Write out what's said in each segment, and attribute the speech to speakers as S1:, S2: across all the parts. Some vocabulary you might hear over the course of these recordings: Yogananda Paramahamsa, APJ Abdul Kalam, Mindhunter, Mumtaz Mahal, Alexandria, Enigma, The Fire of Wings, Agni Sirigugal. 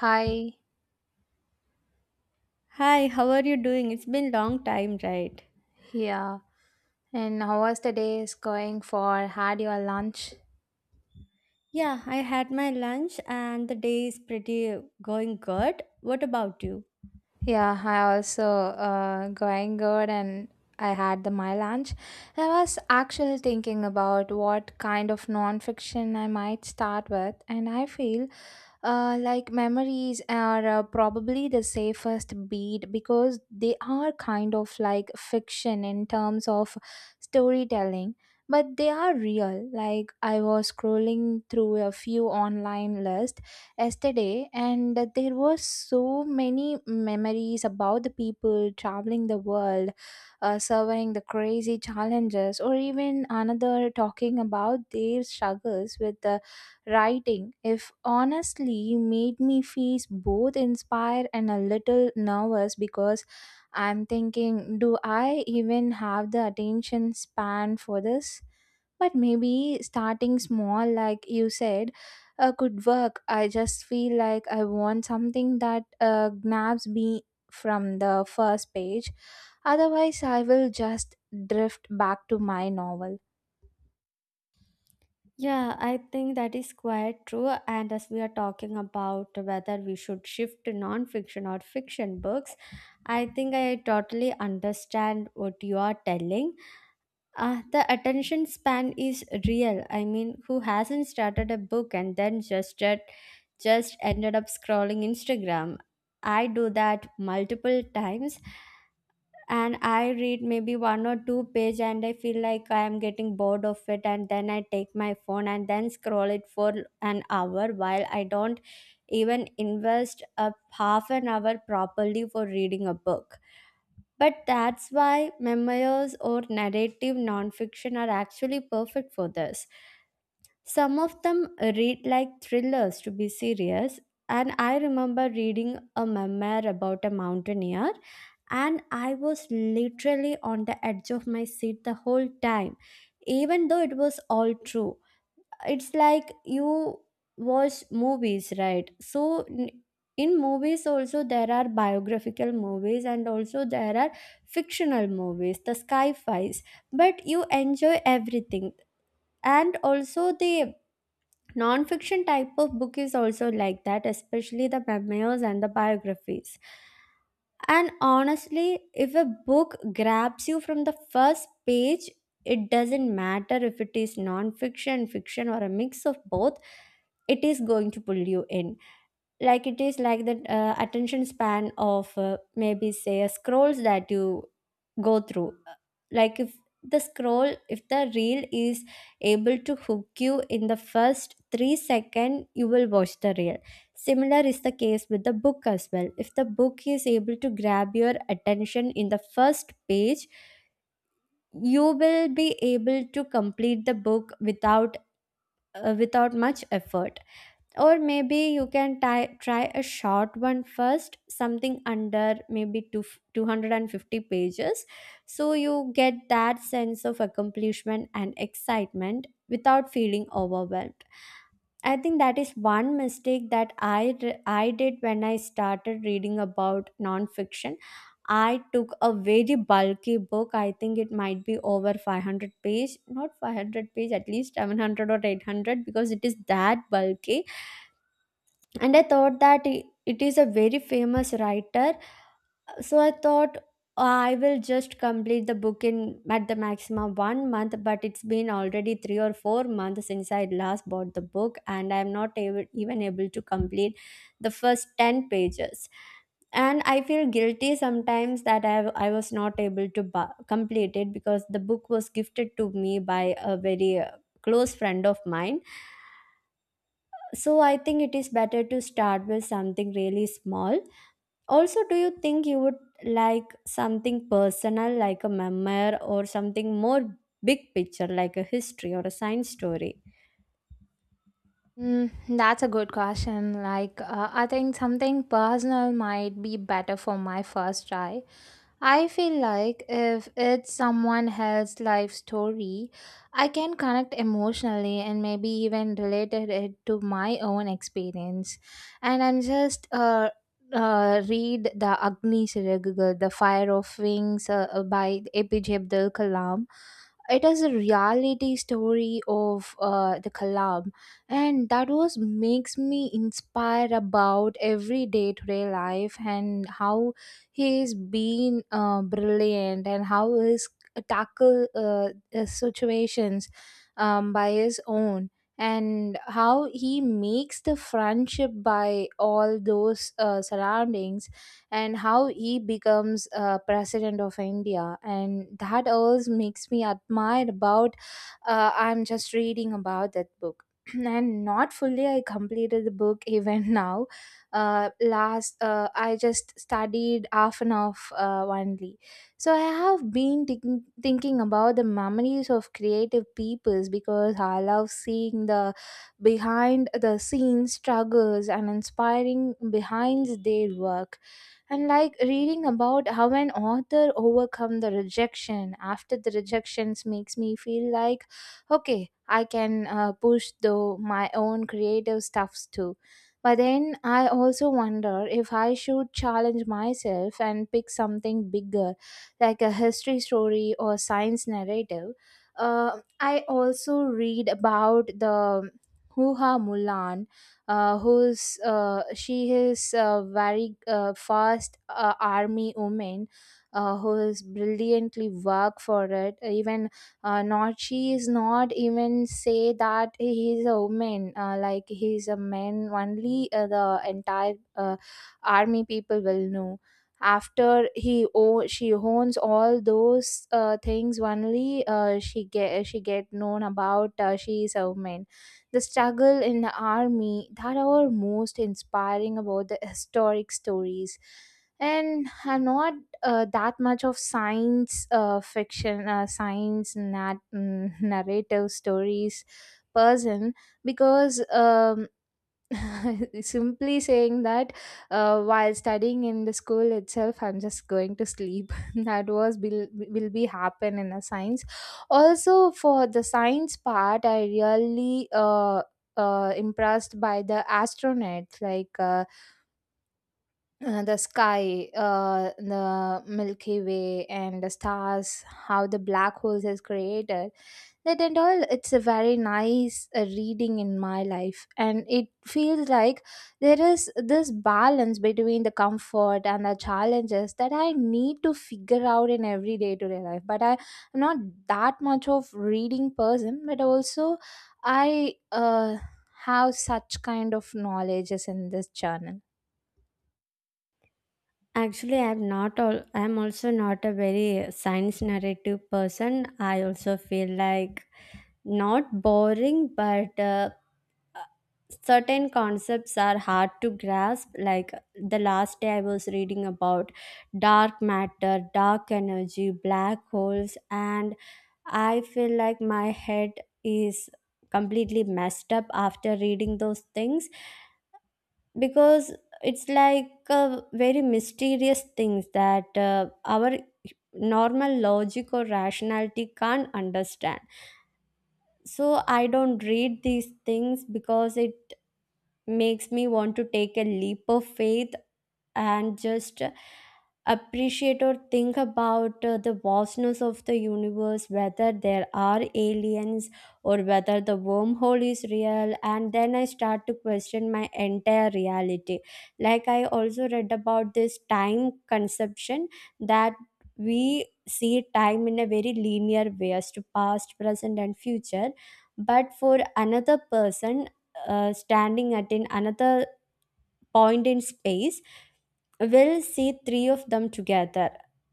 S1: Hi,
S2: Hi, how are you doing? It's been long time, right?
S1: yeah. And how was the day is going for? Had your lunch?
S2: Yeah, I had my lunch and the day is pretty going good. What about you?
S1: Yeah, I also going good and I had the my lunch. I was actually thinking about what kind of nonfiction I might start with, and I feel like memories are probably the safest beat because they are kind of like fiction in terms of storytelling, but they are real. Like I was scrolling through a few online lists yesterday and there was so many memories about the people traveling the world, surveying the crazy challenges, or even another talking about their struggles with the writing, if honestly made me feel both inspired and a little nervous because I'm thinking, do I even have the attention span for this? But maybe starting small, like you said, could work. I just feel like I want something that grabs me from the first page. Otherwise, I will just drift back to my novel.
S2: Yeah, I think that is quite true. And as we are talking about whether we should shift to non-fiction or fiction books, I think I totally understand what you are telling. The attention span is real. I mean, who hasn't started a book and then just ended up scrolling Instagram? I do that multiple times and I read maybe one or two page and I feel like I am getting bored of it and then I take my phone and then scroll it for an hour while I don't even invest a half an hour properly for reading a book. But that's why memoirs or narrative nonfiction are actually perfect for this. Some of them read like thrillers to be serious. And I remember reading a memoir about a mountaineer, and I was literally on the edge of my seat the whole time, even though it was all true. It's like you watch movies, right? In movies also there are biographical movies and also there are fictional movies, the sci-fis, but you enjoy everything. And also the non-fiction type of book is also like that, especially the memoirs and the biographies. And honestly, if a book grabs you from the first page, it doesn't matter if it is non fiction, fiction, or a mix of both, it is going to pull you in. Like it is like the attention span of maybe say a scrolls that you go through. Like if the scroll if the reel is able to hook you in the first 3 second, you will watch the reel. Similar is the case with the book as well. If the book is able to grab your attention in the first page, you will be able to complete the book without without much effort. Or maybe you can try a short one first, something under maybe 250 pages. So you get that sense of accomplishment and excitement without feeling overwhelmed. I think that is one mistake that I did when I started reading about nonfiction. I took a very bulky book. I think it might be over 500-page, not 500 page, at least 700 or 800 because it is that bulky. And i thought that i- it is a very famous writer, so I thought, "Oh, I will just complete the book in at the maximum one month," but it's been already 3 or 4 months since I last bought the book and I am not able, even able to complete the first 10 pages. And I feel guilty sometimes that I was not able to complete it because the book was gifted to me by a very close friend of mine. So I think it is better to start with something really small. Also, do you think you would like something personal, like a memoir, or something more big picture, like a history or a science story?
S1: Mm, that's a good question. Like, I think something personal might be better for my first try. I feel like if it's someone else's life story, I can connect emotionally and maybe even related it to my own experience. And I'm just read the Agni Sirigugal, The Fire of Wings, by APJ Abdul Kalam. It is a reality story of the Kalam, and that was makes me inspired about everyday to day life, and how he's been brilliant, and how he's tackle situations by his own, and how he makes the friendship by all those surroundings, and how he becomes president of India. And that always makes me admire about, I'm just reading about that book and not fully I completed the book even now. Last, I just studied half an hour only. So I have been thinking about the memories of creative peoples because I love seeing the behind the scenes struggles and inspiring behind their work. And like reading about how an author overcome the rejection after the rejections makes me feel like, okay, I can push though my own creative stuffs too. But then I also wonder if I should challenge myself and pick something bigger, like a history story or science narrative. I also read about the huha mulan, who's, she is a very fast army woman, who is brilliantly work for it. Even not, she is not even say that he is a woman, like he is a man only. The entire army people will know after she owns all those things. Only she get known about, she is a woman. The struggle in the army that are most inspiring about the historic stories, and are not that much of science fiction, science narrative stories person, because simply saying that, while studying in the school itself, I'm just going to sleep. That was will be happen in a science. Also, for the science part, I really impressed by the astronauts. Like the sky, the Milky Way, and the stars, how the black holes is created. That and all, it's a very nice reading in my life, and it feels like there is this balance between the comfort and the challenges that I need to figure out in every day to day life. But I'm not that much of reading person, but also I have such kind of knowledges in this journal.
S2: Actually, I'm not all. I'm also not a very science narrative person. I also feel like not boring, but certain concepts are hard to grasp. Like the last day I was reading about dark matter, dark energy, black holes, and I feel like my head is completely messed up after reading those things, because it's like a very mysterious things that our normal logic or rationality can't understand. So I don't read these things because it makes me want to take a leap of faith and just appreciate or think about the vastness of the universe, whether there are aliens or whether the wormhole is real. And then I start to question my entire reality. Like, I also read about this time conception, that we see time in a very linear way as to past, present, and future. But for another person, standing at in another point in space, will see three of them together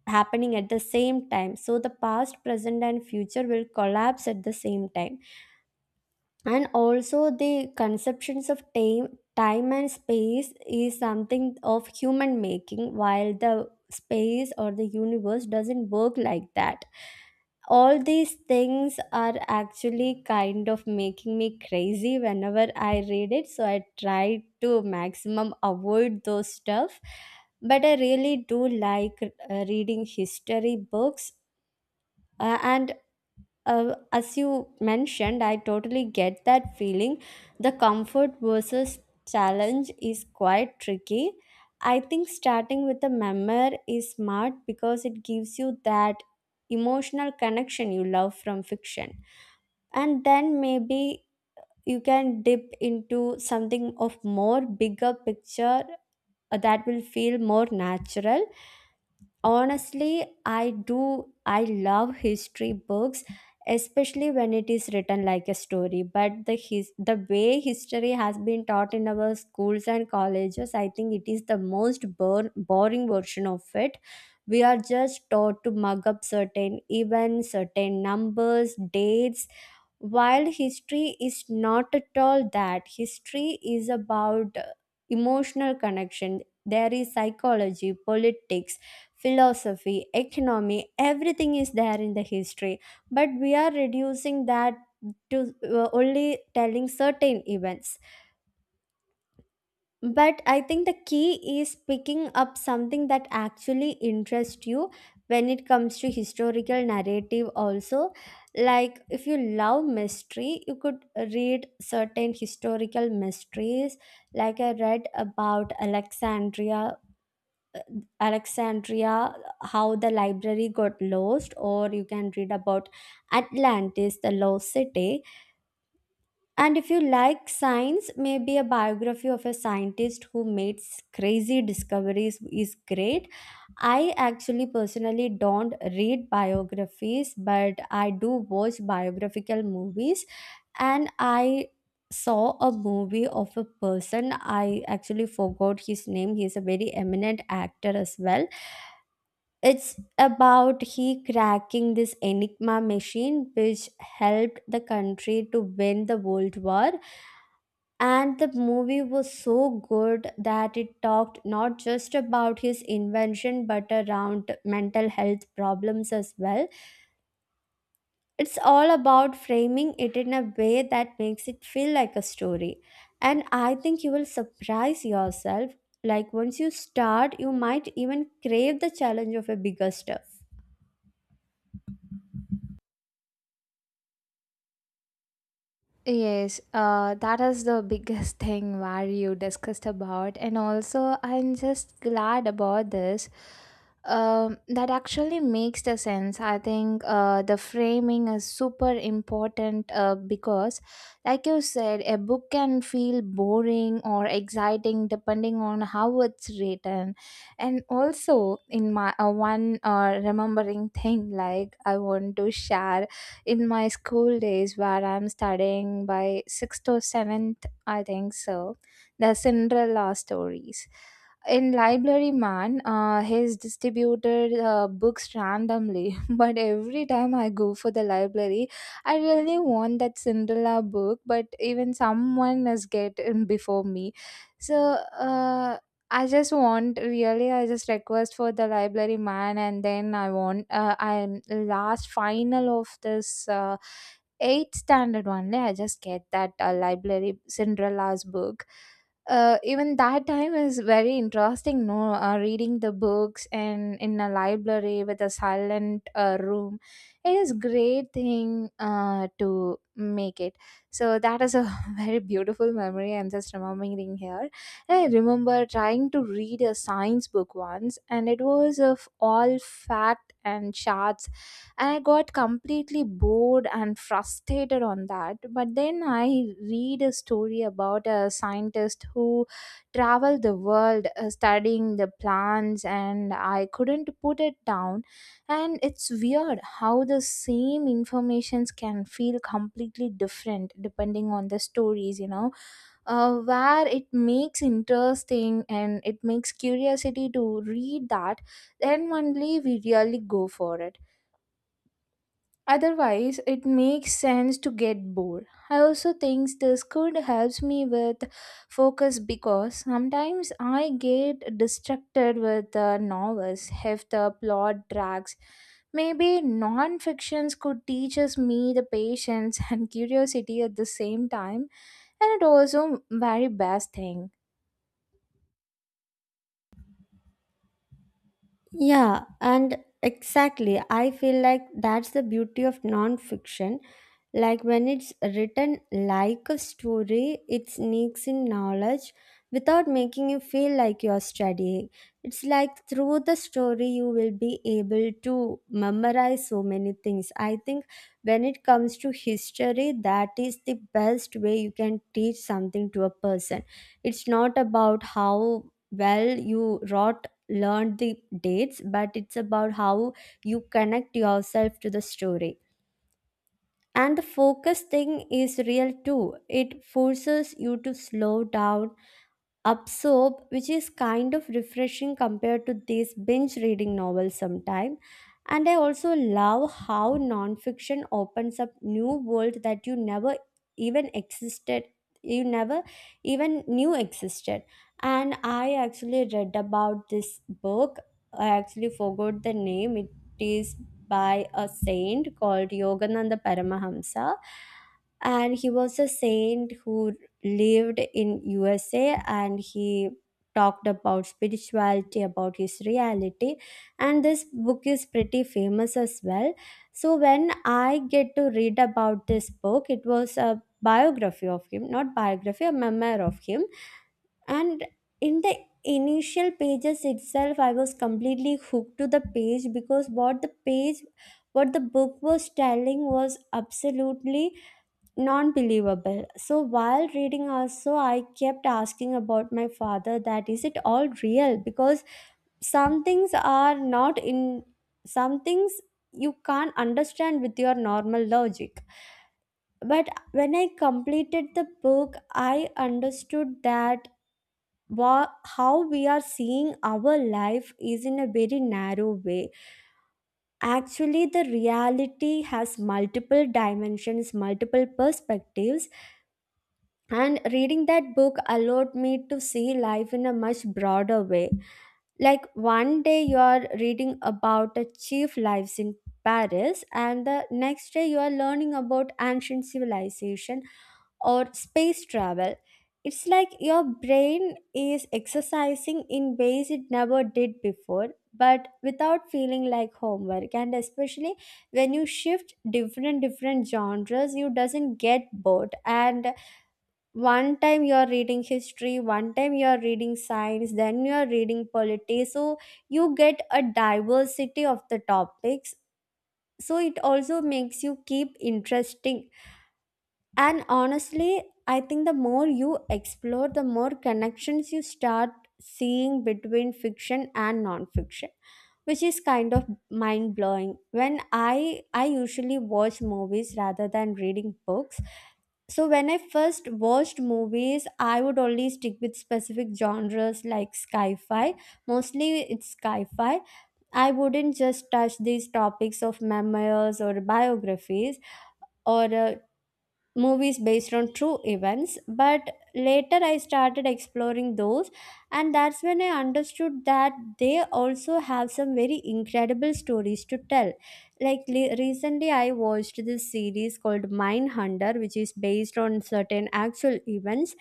S2: happening at the same time. So the past, present, and future will collapse at the same time. And also the conceptions of time, time and space is something of human making, while the space or the universe doesn't work like that. All these things are actually kind of making me crazy whenever I read it, so I try to maximum avoid those stuff. But I really do like reading history books. Uh, and uh, as you mentioned, I totally get that feeling. The comfort versus challenge is quite tricky. I think starting with a memoir is smart because it gives you that emotional connection you love from fiction. And then maybe you can dip into something of more bigger picture, that will feel more natural. Honestly, I do. I love history books, especially when it is written like a story. But the way history has been taught in our schools and colleges, I think it is the most boring version of it. We are just taught to mug up certain events, certain numbers, dates, while history is not at all that. History is about emotional connection. There is psychology, politics, philosophy, economy, everything is there in the history. But we are reducing that to only telling certain events. But I think the key is picking up something that actually interests you when it comes to historical narrative also. Like if you love mystery, you could read certain historical mysteries. Like I read about Alexandria, how the library got lost, or you can read about Atlantis, the lost city. And if you like science, maybe a biography of a scientist who made crazy discoveries is great. I actually personally don't read biographies, but I do watch biographical movies, and I saw a movie of a person. I actually forgot his name. He is a very eminent actor as well. It's about he cracking this Enigma machine, which helped the country to win the World War. And the movie was so good that it talked not just about his invention but around mental health problems as well. It's all about framing it in a way that makes it feel like a story. And I think you will surprise yourself. Like once you start, you might even crave the challenge of a bigger stuff.
S1: Yes, that is the biggest thing where you discussed about, and also I'm just glad about this. That actually makes the sense. I think the framing is super important, because, like you said, a book can feel boring or exciting depending on how it's written. And also in my one remembering thing, like I want to share in my school days where I'm studying by sixth or seventh, I think so, the Cinderella stories. In Library Man, he's distributed books randomly, but every time I go for the library, I really want that Cinderella book, but even someone has get in before me. So uh, I just want really, I just request for the library man, and then I want, I'm last final of this eighth standard only I just get that library Cinderella's book. Even that time is very interesting, no, reading the books, and in a library with a silent room, it is great thing to make it. So that is a very beautiful memory I'm just remembering here. I remember trying to read a science book once, and it was of all fact and charts, and I got completely bored and frustrated on that. But then I read a story about a scientist who traveled the world studying the plants, and I couldn't put it down. And it's weird how the same informations can feel completely different depending on the stories, where it makes interesting and it makes curiosity to read that, then only we really go for it, otherwise it makes sense to get bored. I also think this could helps me with focus because sometimes I get distracted with the novels if the plot drags. Maybe non-fictions could teaches me the patience and curiosity at the same time. And it also very best thing.
S2: Yeah, and exactly. I feel like that's the beauty of nonfiction. Like when it's written like a story, it sneaks in knowledge without making you feel like you're studying. It's like through the story, you will be able to memorize so many things. I think when it comes to history, that is the best way you can teach something to a person. It's not about how well you wrote learned the dates, but it's about how you connect yourself to the story. And the focus thing is real too. It forces you to slow down, absorb, which is kind of refreshing compared to these binge reading novels sometime. And I also love how nonfiction opens up new world that you even existed never even knew existed. And I actually read about this book. I actually forgot the name. It is by a saint called Yogananda Paramahamsa. And he was a saint who lived in USA and he talked about spirituality, about his reality. And this book is pretty famous as well. So when I get to read about this book, it was a biography of him, not biography, a memoir of him. And in the initial pages itself, I was completely hooked to the page, because what the book was telling was absolutely non-believable. So while reading also I kept asking about my father that is it all real, because some things are not in some things you can't understand with your normal logic. But when I completed the book, I understood that wa- how we are seeing our life is in a very narrow way. Actually the reality has multiple dimensions, multiple perspectives. And reading that book allowed me to see life in a much broader way. Like one day you are reading about the chief lives in Paris, and the next day you are learning about ancient civilization or space travel. It's like your brain is exercising in ways it never did before, but without feeling like homework. And especially when you shift different genres, you doesn't get bored. And one time you are reading history, one time you are reading science, then you are reading politics, so you get a diversity of the topics. So it also makes you keep interesting. And honestly, I think the more you explore, the more connections you start seeing between fiction and non-fiction, which is kind of mind blowing. When I usually watch movies rather than reading books, so when I first watched movies, I would only stick with specific genres like sci-fi. Mostly it's sci-fi. I wouldn't just touch these topics of memoirs or biographies or movies based on true events, but later I started exploring those, and that's when I understood that they also have some very incredible stories to tell. Like recently I watched this series called Mindhunter, which is based on certain actual events.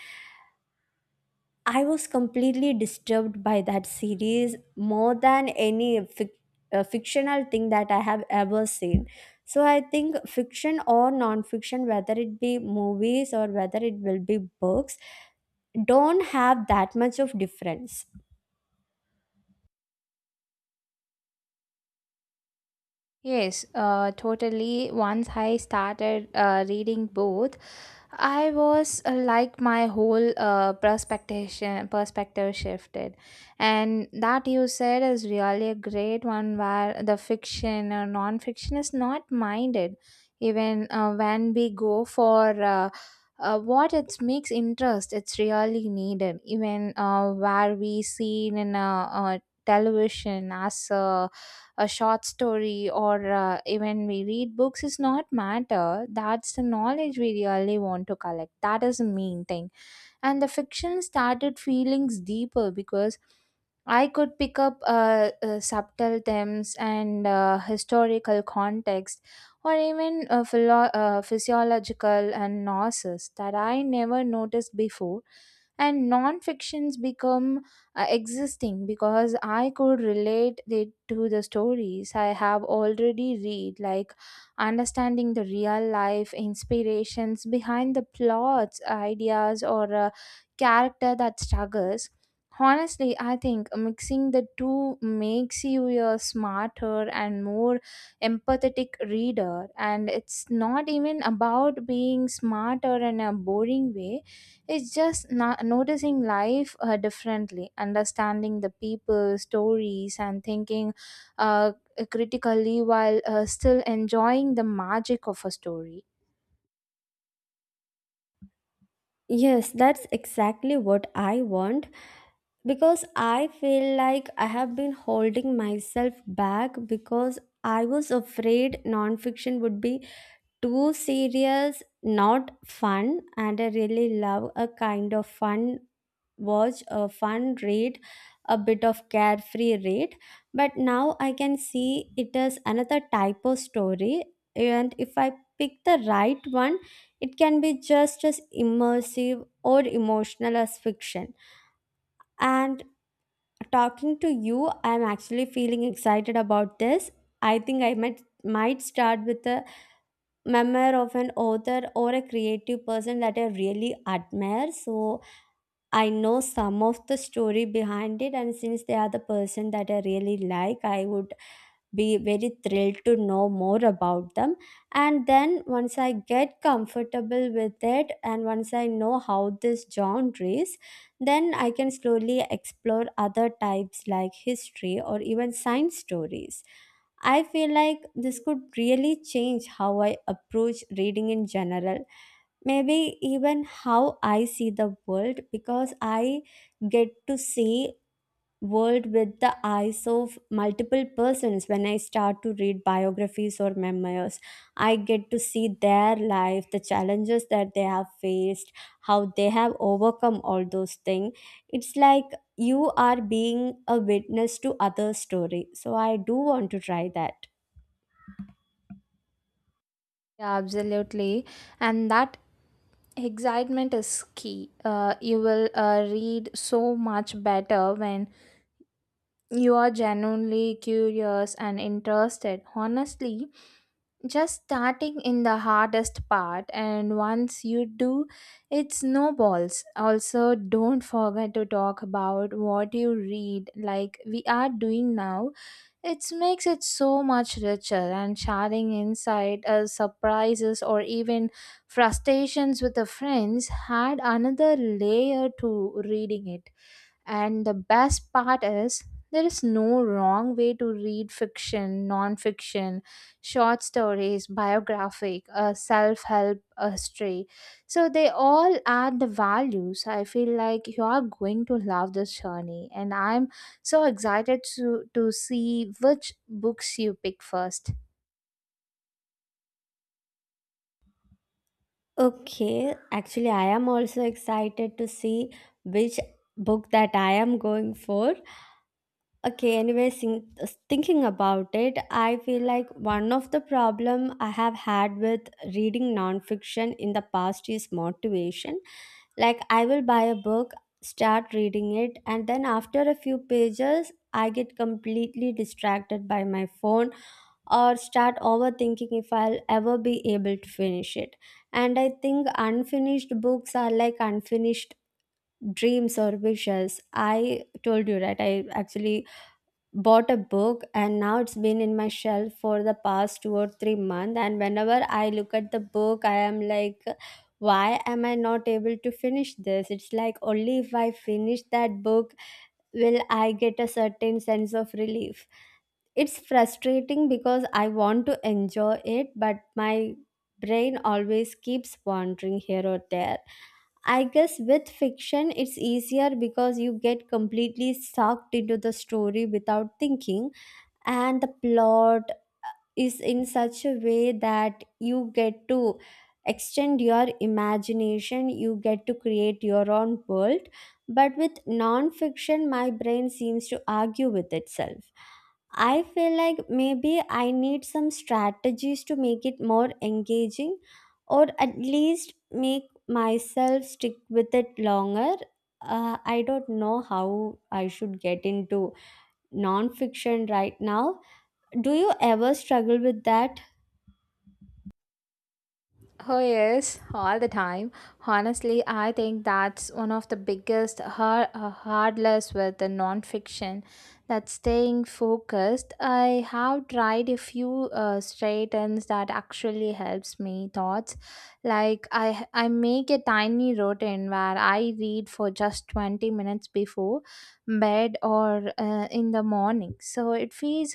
S2: I was completely disturbed by that series more than any fictional thing that I have ever seen. So I think fiction or non-fiction, whether it be movies or whether it will be books, don't have that much of difference.
S1: Yes, totally. Once I started reading both, I was like my whole perspective shifted, and that you said is really a great one, where the fiction or non-fiction is not minded, even when we go for what it makes interest. It's really needed, even where we see in a, television as. A short story, or even we read books, is not matter. That's the knowledge we really want to collect, that is the main thing. And the fiction started feelings deeper because I could pick up subtle themes and historical context, or even physiological and nurses that I never noticed before. And non-fictions become existing because I could relate it to the stories I have already read, like understanding the real life inspirations behind the plots, ideas, or a character that struggles. Honestly, I think mixing the two makes you a smarter and more empathetic reader, and it's not even about being smarter in a boring way. It's just not noticing life differently, understanding the people, stories, and thinking uh, critically while still enjoying the magic of a story.
S2: Yes, that's exactly what I want, because I feel like I have been holding myself back because I was afraid nonfiction would be too serious, not fun, and I really love a kind of fun watch, a fun read, a bit of carefree read. But now I can see it is another type of story, and if I pick the right one, it can be just as immersive or emotional as fiction. And talking to you, I'm actually feeling excited about this. I think I might start with a memoir of an author or a creative person that I really admire. So I know some of the story behind it, and since they are the person that I really like, I would be very thrilled to know more about them. And then once I get comfortable with it and once I know how this genre is, then I can slowly explore other types like history or even science stories. I feel like this could really change how I approach reading in general. Maybe even how I see the world, because I get to see world with the eyes of multiple persons. When I start to read biographies or memoirs, I get to see their life, the challenges that they have faced, how they have overcome all those things. It's like you are being a witness to other story, so I do want to try that.
S1: Yeah, absolutely. And that excitement is key. You will read so much better when you are genuinely curious and interested. Honestly, just starting in the hardest part, and once you do, it snowballs. Also, don't forget to talk about what you read, like we are doing now. It makes it so much richer, and sharing insight, surprises, or even frustrations with the friends add another layer to reading it. And the best part is, there is no wrong way to read fiction, non fiction, short stories, biographic, a self help, a history. So they all add the values. I feel like you are going to love this journey. And I'm so excited to see which books you pick first.
S2: Okay, actually I am also excited to see which book that I am going for. Okay, anyway, thinking about it, I feel like one of the problem I have had with reading nonfiction in the past is motivation. Like I will buy a book, start reading it, and then after a few pages, I get completely distracted by my phone or start overthinking if I'll ever be able to finish it. And I think unfinished books are like unfinished dreams or wishes. I told you, right? I actually bought a book and now it's been in my shelf for the past 2 or 3 months, and whenever I look at the book I am like, why am I not able to finish this? It's like only if I finish that book will I get a certain sense of relief. It's frustrating because I want to enjoy it, but my brain always keeps wandering here or there. I guess with fiction it's easier because you get completely sucked into the story without thinking, and the plot is in such a way that you get to extend your imagination, you get to create your own world. But with non-fiction, my brain seems to argue with itself. I feel like maybe I need some strategies to make it more engaging, or at least make myself stick with it longer. I don't know how I should get into non-fiction right now. Do you ever struggle with that?
S1: Oh, yes, all the time. Honestly, I think that's one of the biggest hurdles with the nonfiction, that staying focused. I have tried a few straightens that actually helps me thoughts. Like I make a tiny routine where I read for just 20 minutes before bed or in the morning. So it feels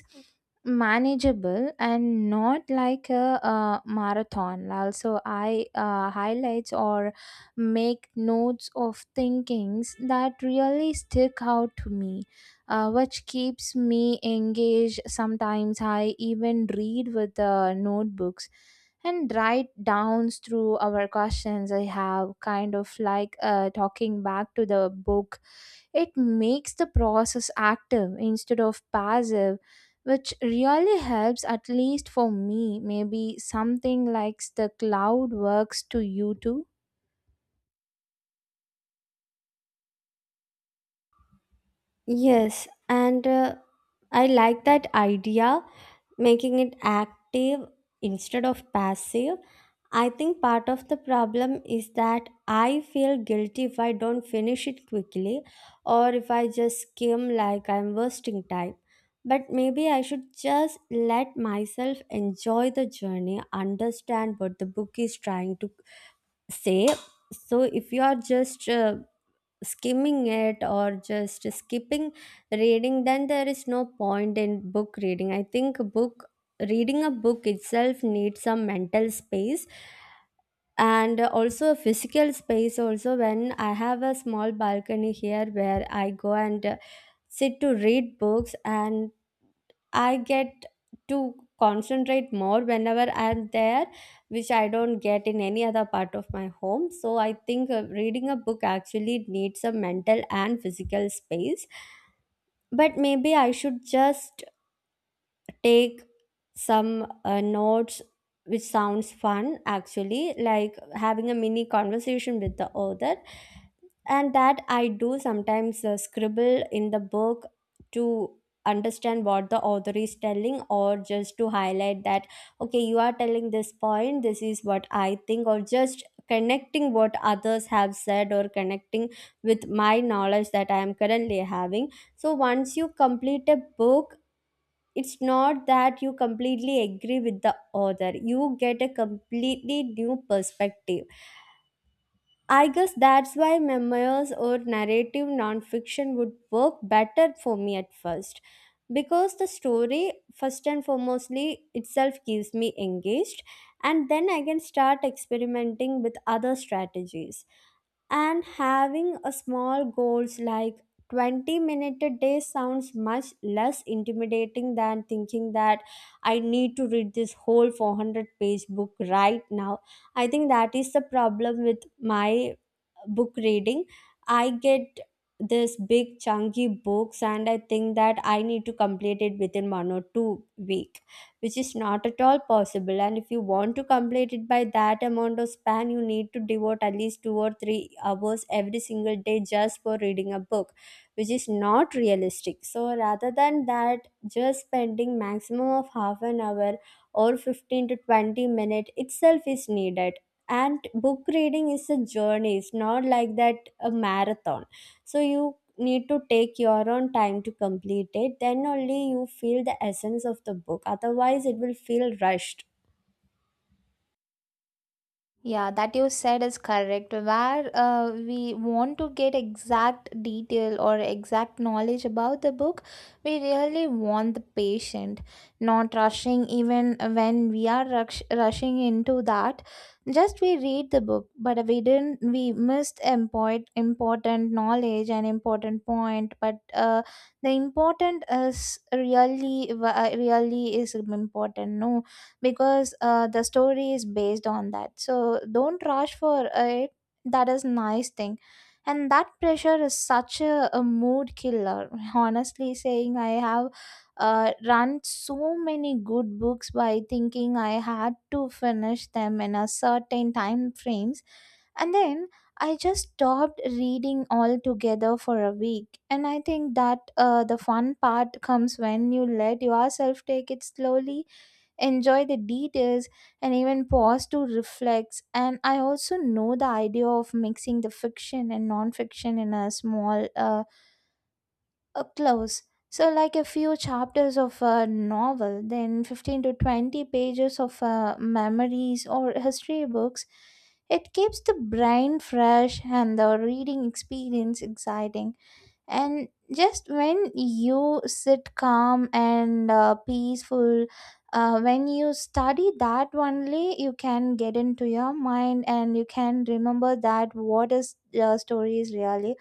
S1: manageable and not like a marathon. Also I highlights or make notes of thinkings that really stick out to me, which keeps me engaged. Sometimes I even read with the notebooks and write downs through our questions, I have kind of like, talking back to the book. It makes the process active instead of passive, which really helps, at least for me. Maybe something like the cloud works to you too.
S2: Yes, and I like that idea, making it active instead of passive. I think part of the problem is that I feel guilty if I don't finish it quickly or if I just skim, like I'm wasting time. But maybe I should just let myself enjoy the journey, understand what the book is trying to say. So if you are just skimming it or just skipping reading, then there is no point in book reading. I think book reading, a book itself needs some mental space and also a physical space. Also, when I have a small balcony here where I go and sit to read books, and I get to concentrate more whenever I'm there, which I don't get in any other part of my home. So I think reading a book actually needs a mental and physical space. But maybe I should just take some notes, which sounds fun actually, like having a mini conversation with the author. And that I do sometimes, scribble in the book to understand what the author is telling, or just to highlight that, okay, you are telling this point, this is what I think, or just connecting what others have said, or connecting with my knowledge that I am currently having. So once you complete a book, it's not that you completely agree with the author, you get a completely new perspective. I guess that's why memoirs or narrative nonfiction would work better for me at first, because the story, first and foremostly, itself keeps me engaged, and then I can start experimenting with other strategies. And having a small goals like 20 minute a day sounds much less intimidating than thinking that I need to read this whole 400-page book right now. I think that is the problem with my book reading. I get this big chunky books and I think that I need to complete it within 1 or 2 week, which is not at all possible. And if you want to complete it by that amount of span, you need to devote at least 2 or 3 hours every single day just for reading a book, which is not realistic. So rather than that, just spending maximum of half an hour or 15 to 20 minute itself is needed. And book reading is a journey, it's not like that a marathon. So you need to take your own time to complete it, then only you feel the essence of the book, otherwise it will feel rushed.
S1: Yeah, that you said is correct. Where we want to get exact detail or exact knowledge about the book, we really want the patient, not rushing, even when we are rushing into that. Just we read the book, but we didn't, we missed important, important knowledge and important point. But the important is really is important, no? Because the story is based on that, so don't rush for it, that is nice thing. And that pressure is such a mood killer, honestly saying. I have run so many good books by thinking I had to finish them in a certain time frames, and then I just stopped reading altogether for a week. And I think that the fun part comes when you let yourself take it slowly, enjoy the details, and even pause to reflect. And I also know the idea of mixing the fiction and non-fiction in a small, a close. So like a few chapters of a novel, then 15 to 20 pages of memories or history books. It keeps the brain fresh and the reading experience exciting. And just when you sit calm and peaceful, when you study, that only you can get into your mind, and you can remember that what is the story is really,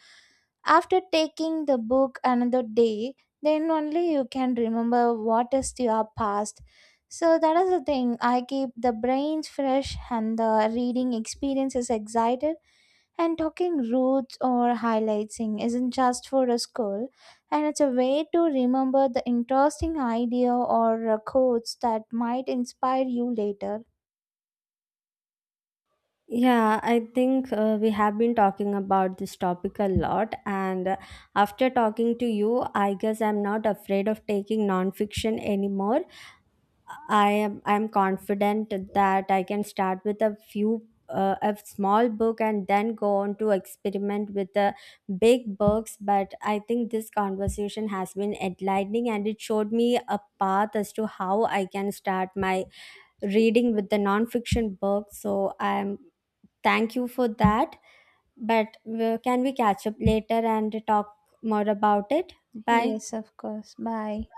S1: after taking the book another day, then only you can remember what is your past. So that is the thing. I keep the brains fresh and the reading experience is excited. And talking roots or highlighting isn't just for a school, and it's a way to remember the interesting idea or quotes that might inspire you later.
S2: Yeah, I think we have been talking about this topic a lot, and after talking to you, I guess I'm not afraid of taking non-fiction anymore. I'm confident that I can start with a few a small book and then go on to experiment with the big books. But I think this conversation has been enlightening and it showed me a path as to how I can start my reading with the nonfiction fiction book, so I'm, thank you for that. But can we catch up later and talk more about it? Bye.
S1: Yes, of course. Bye.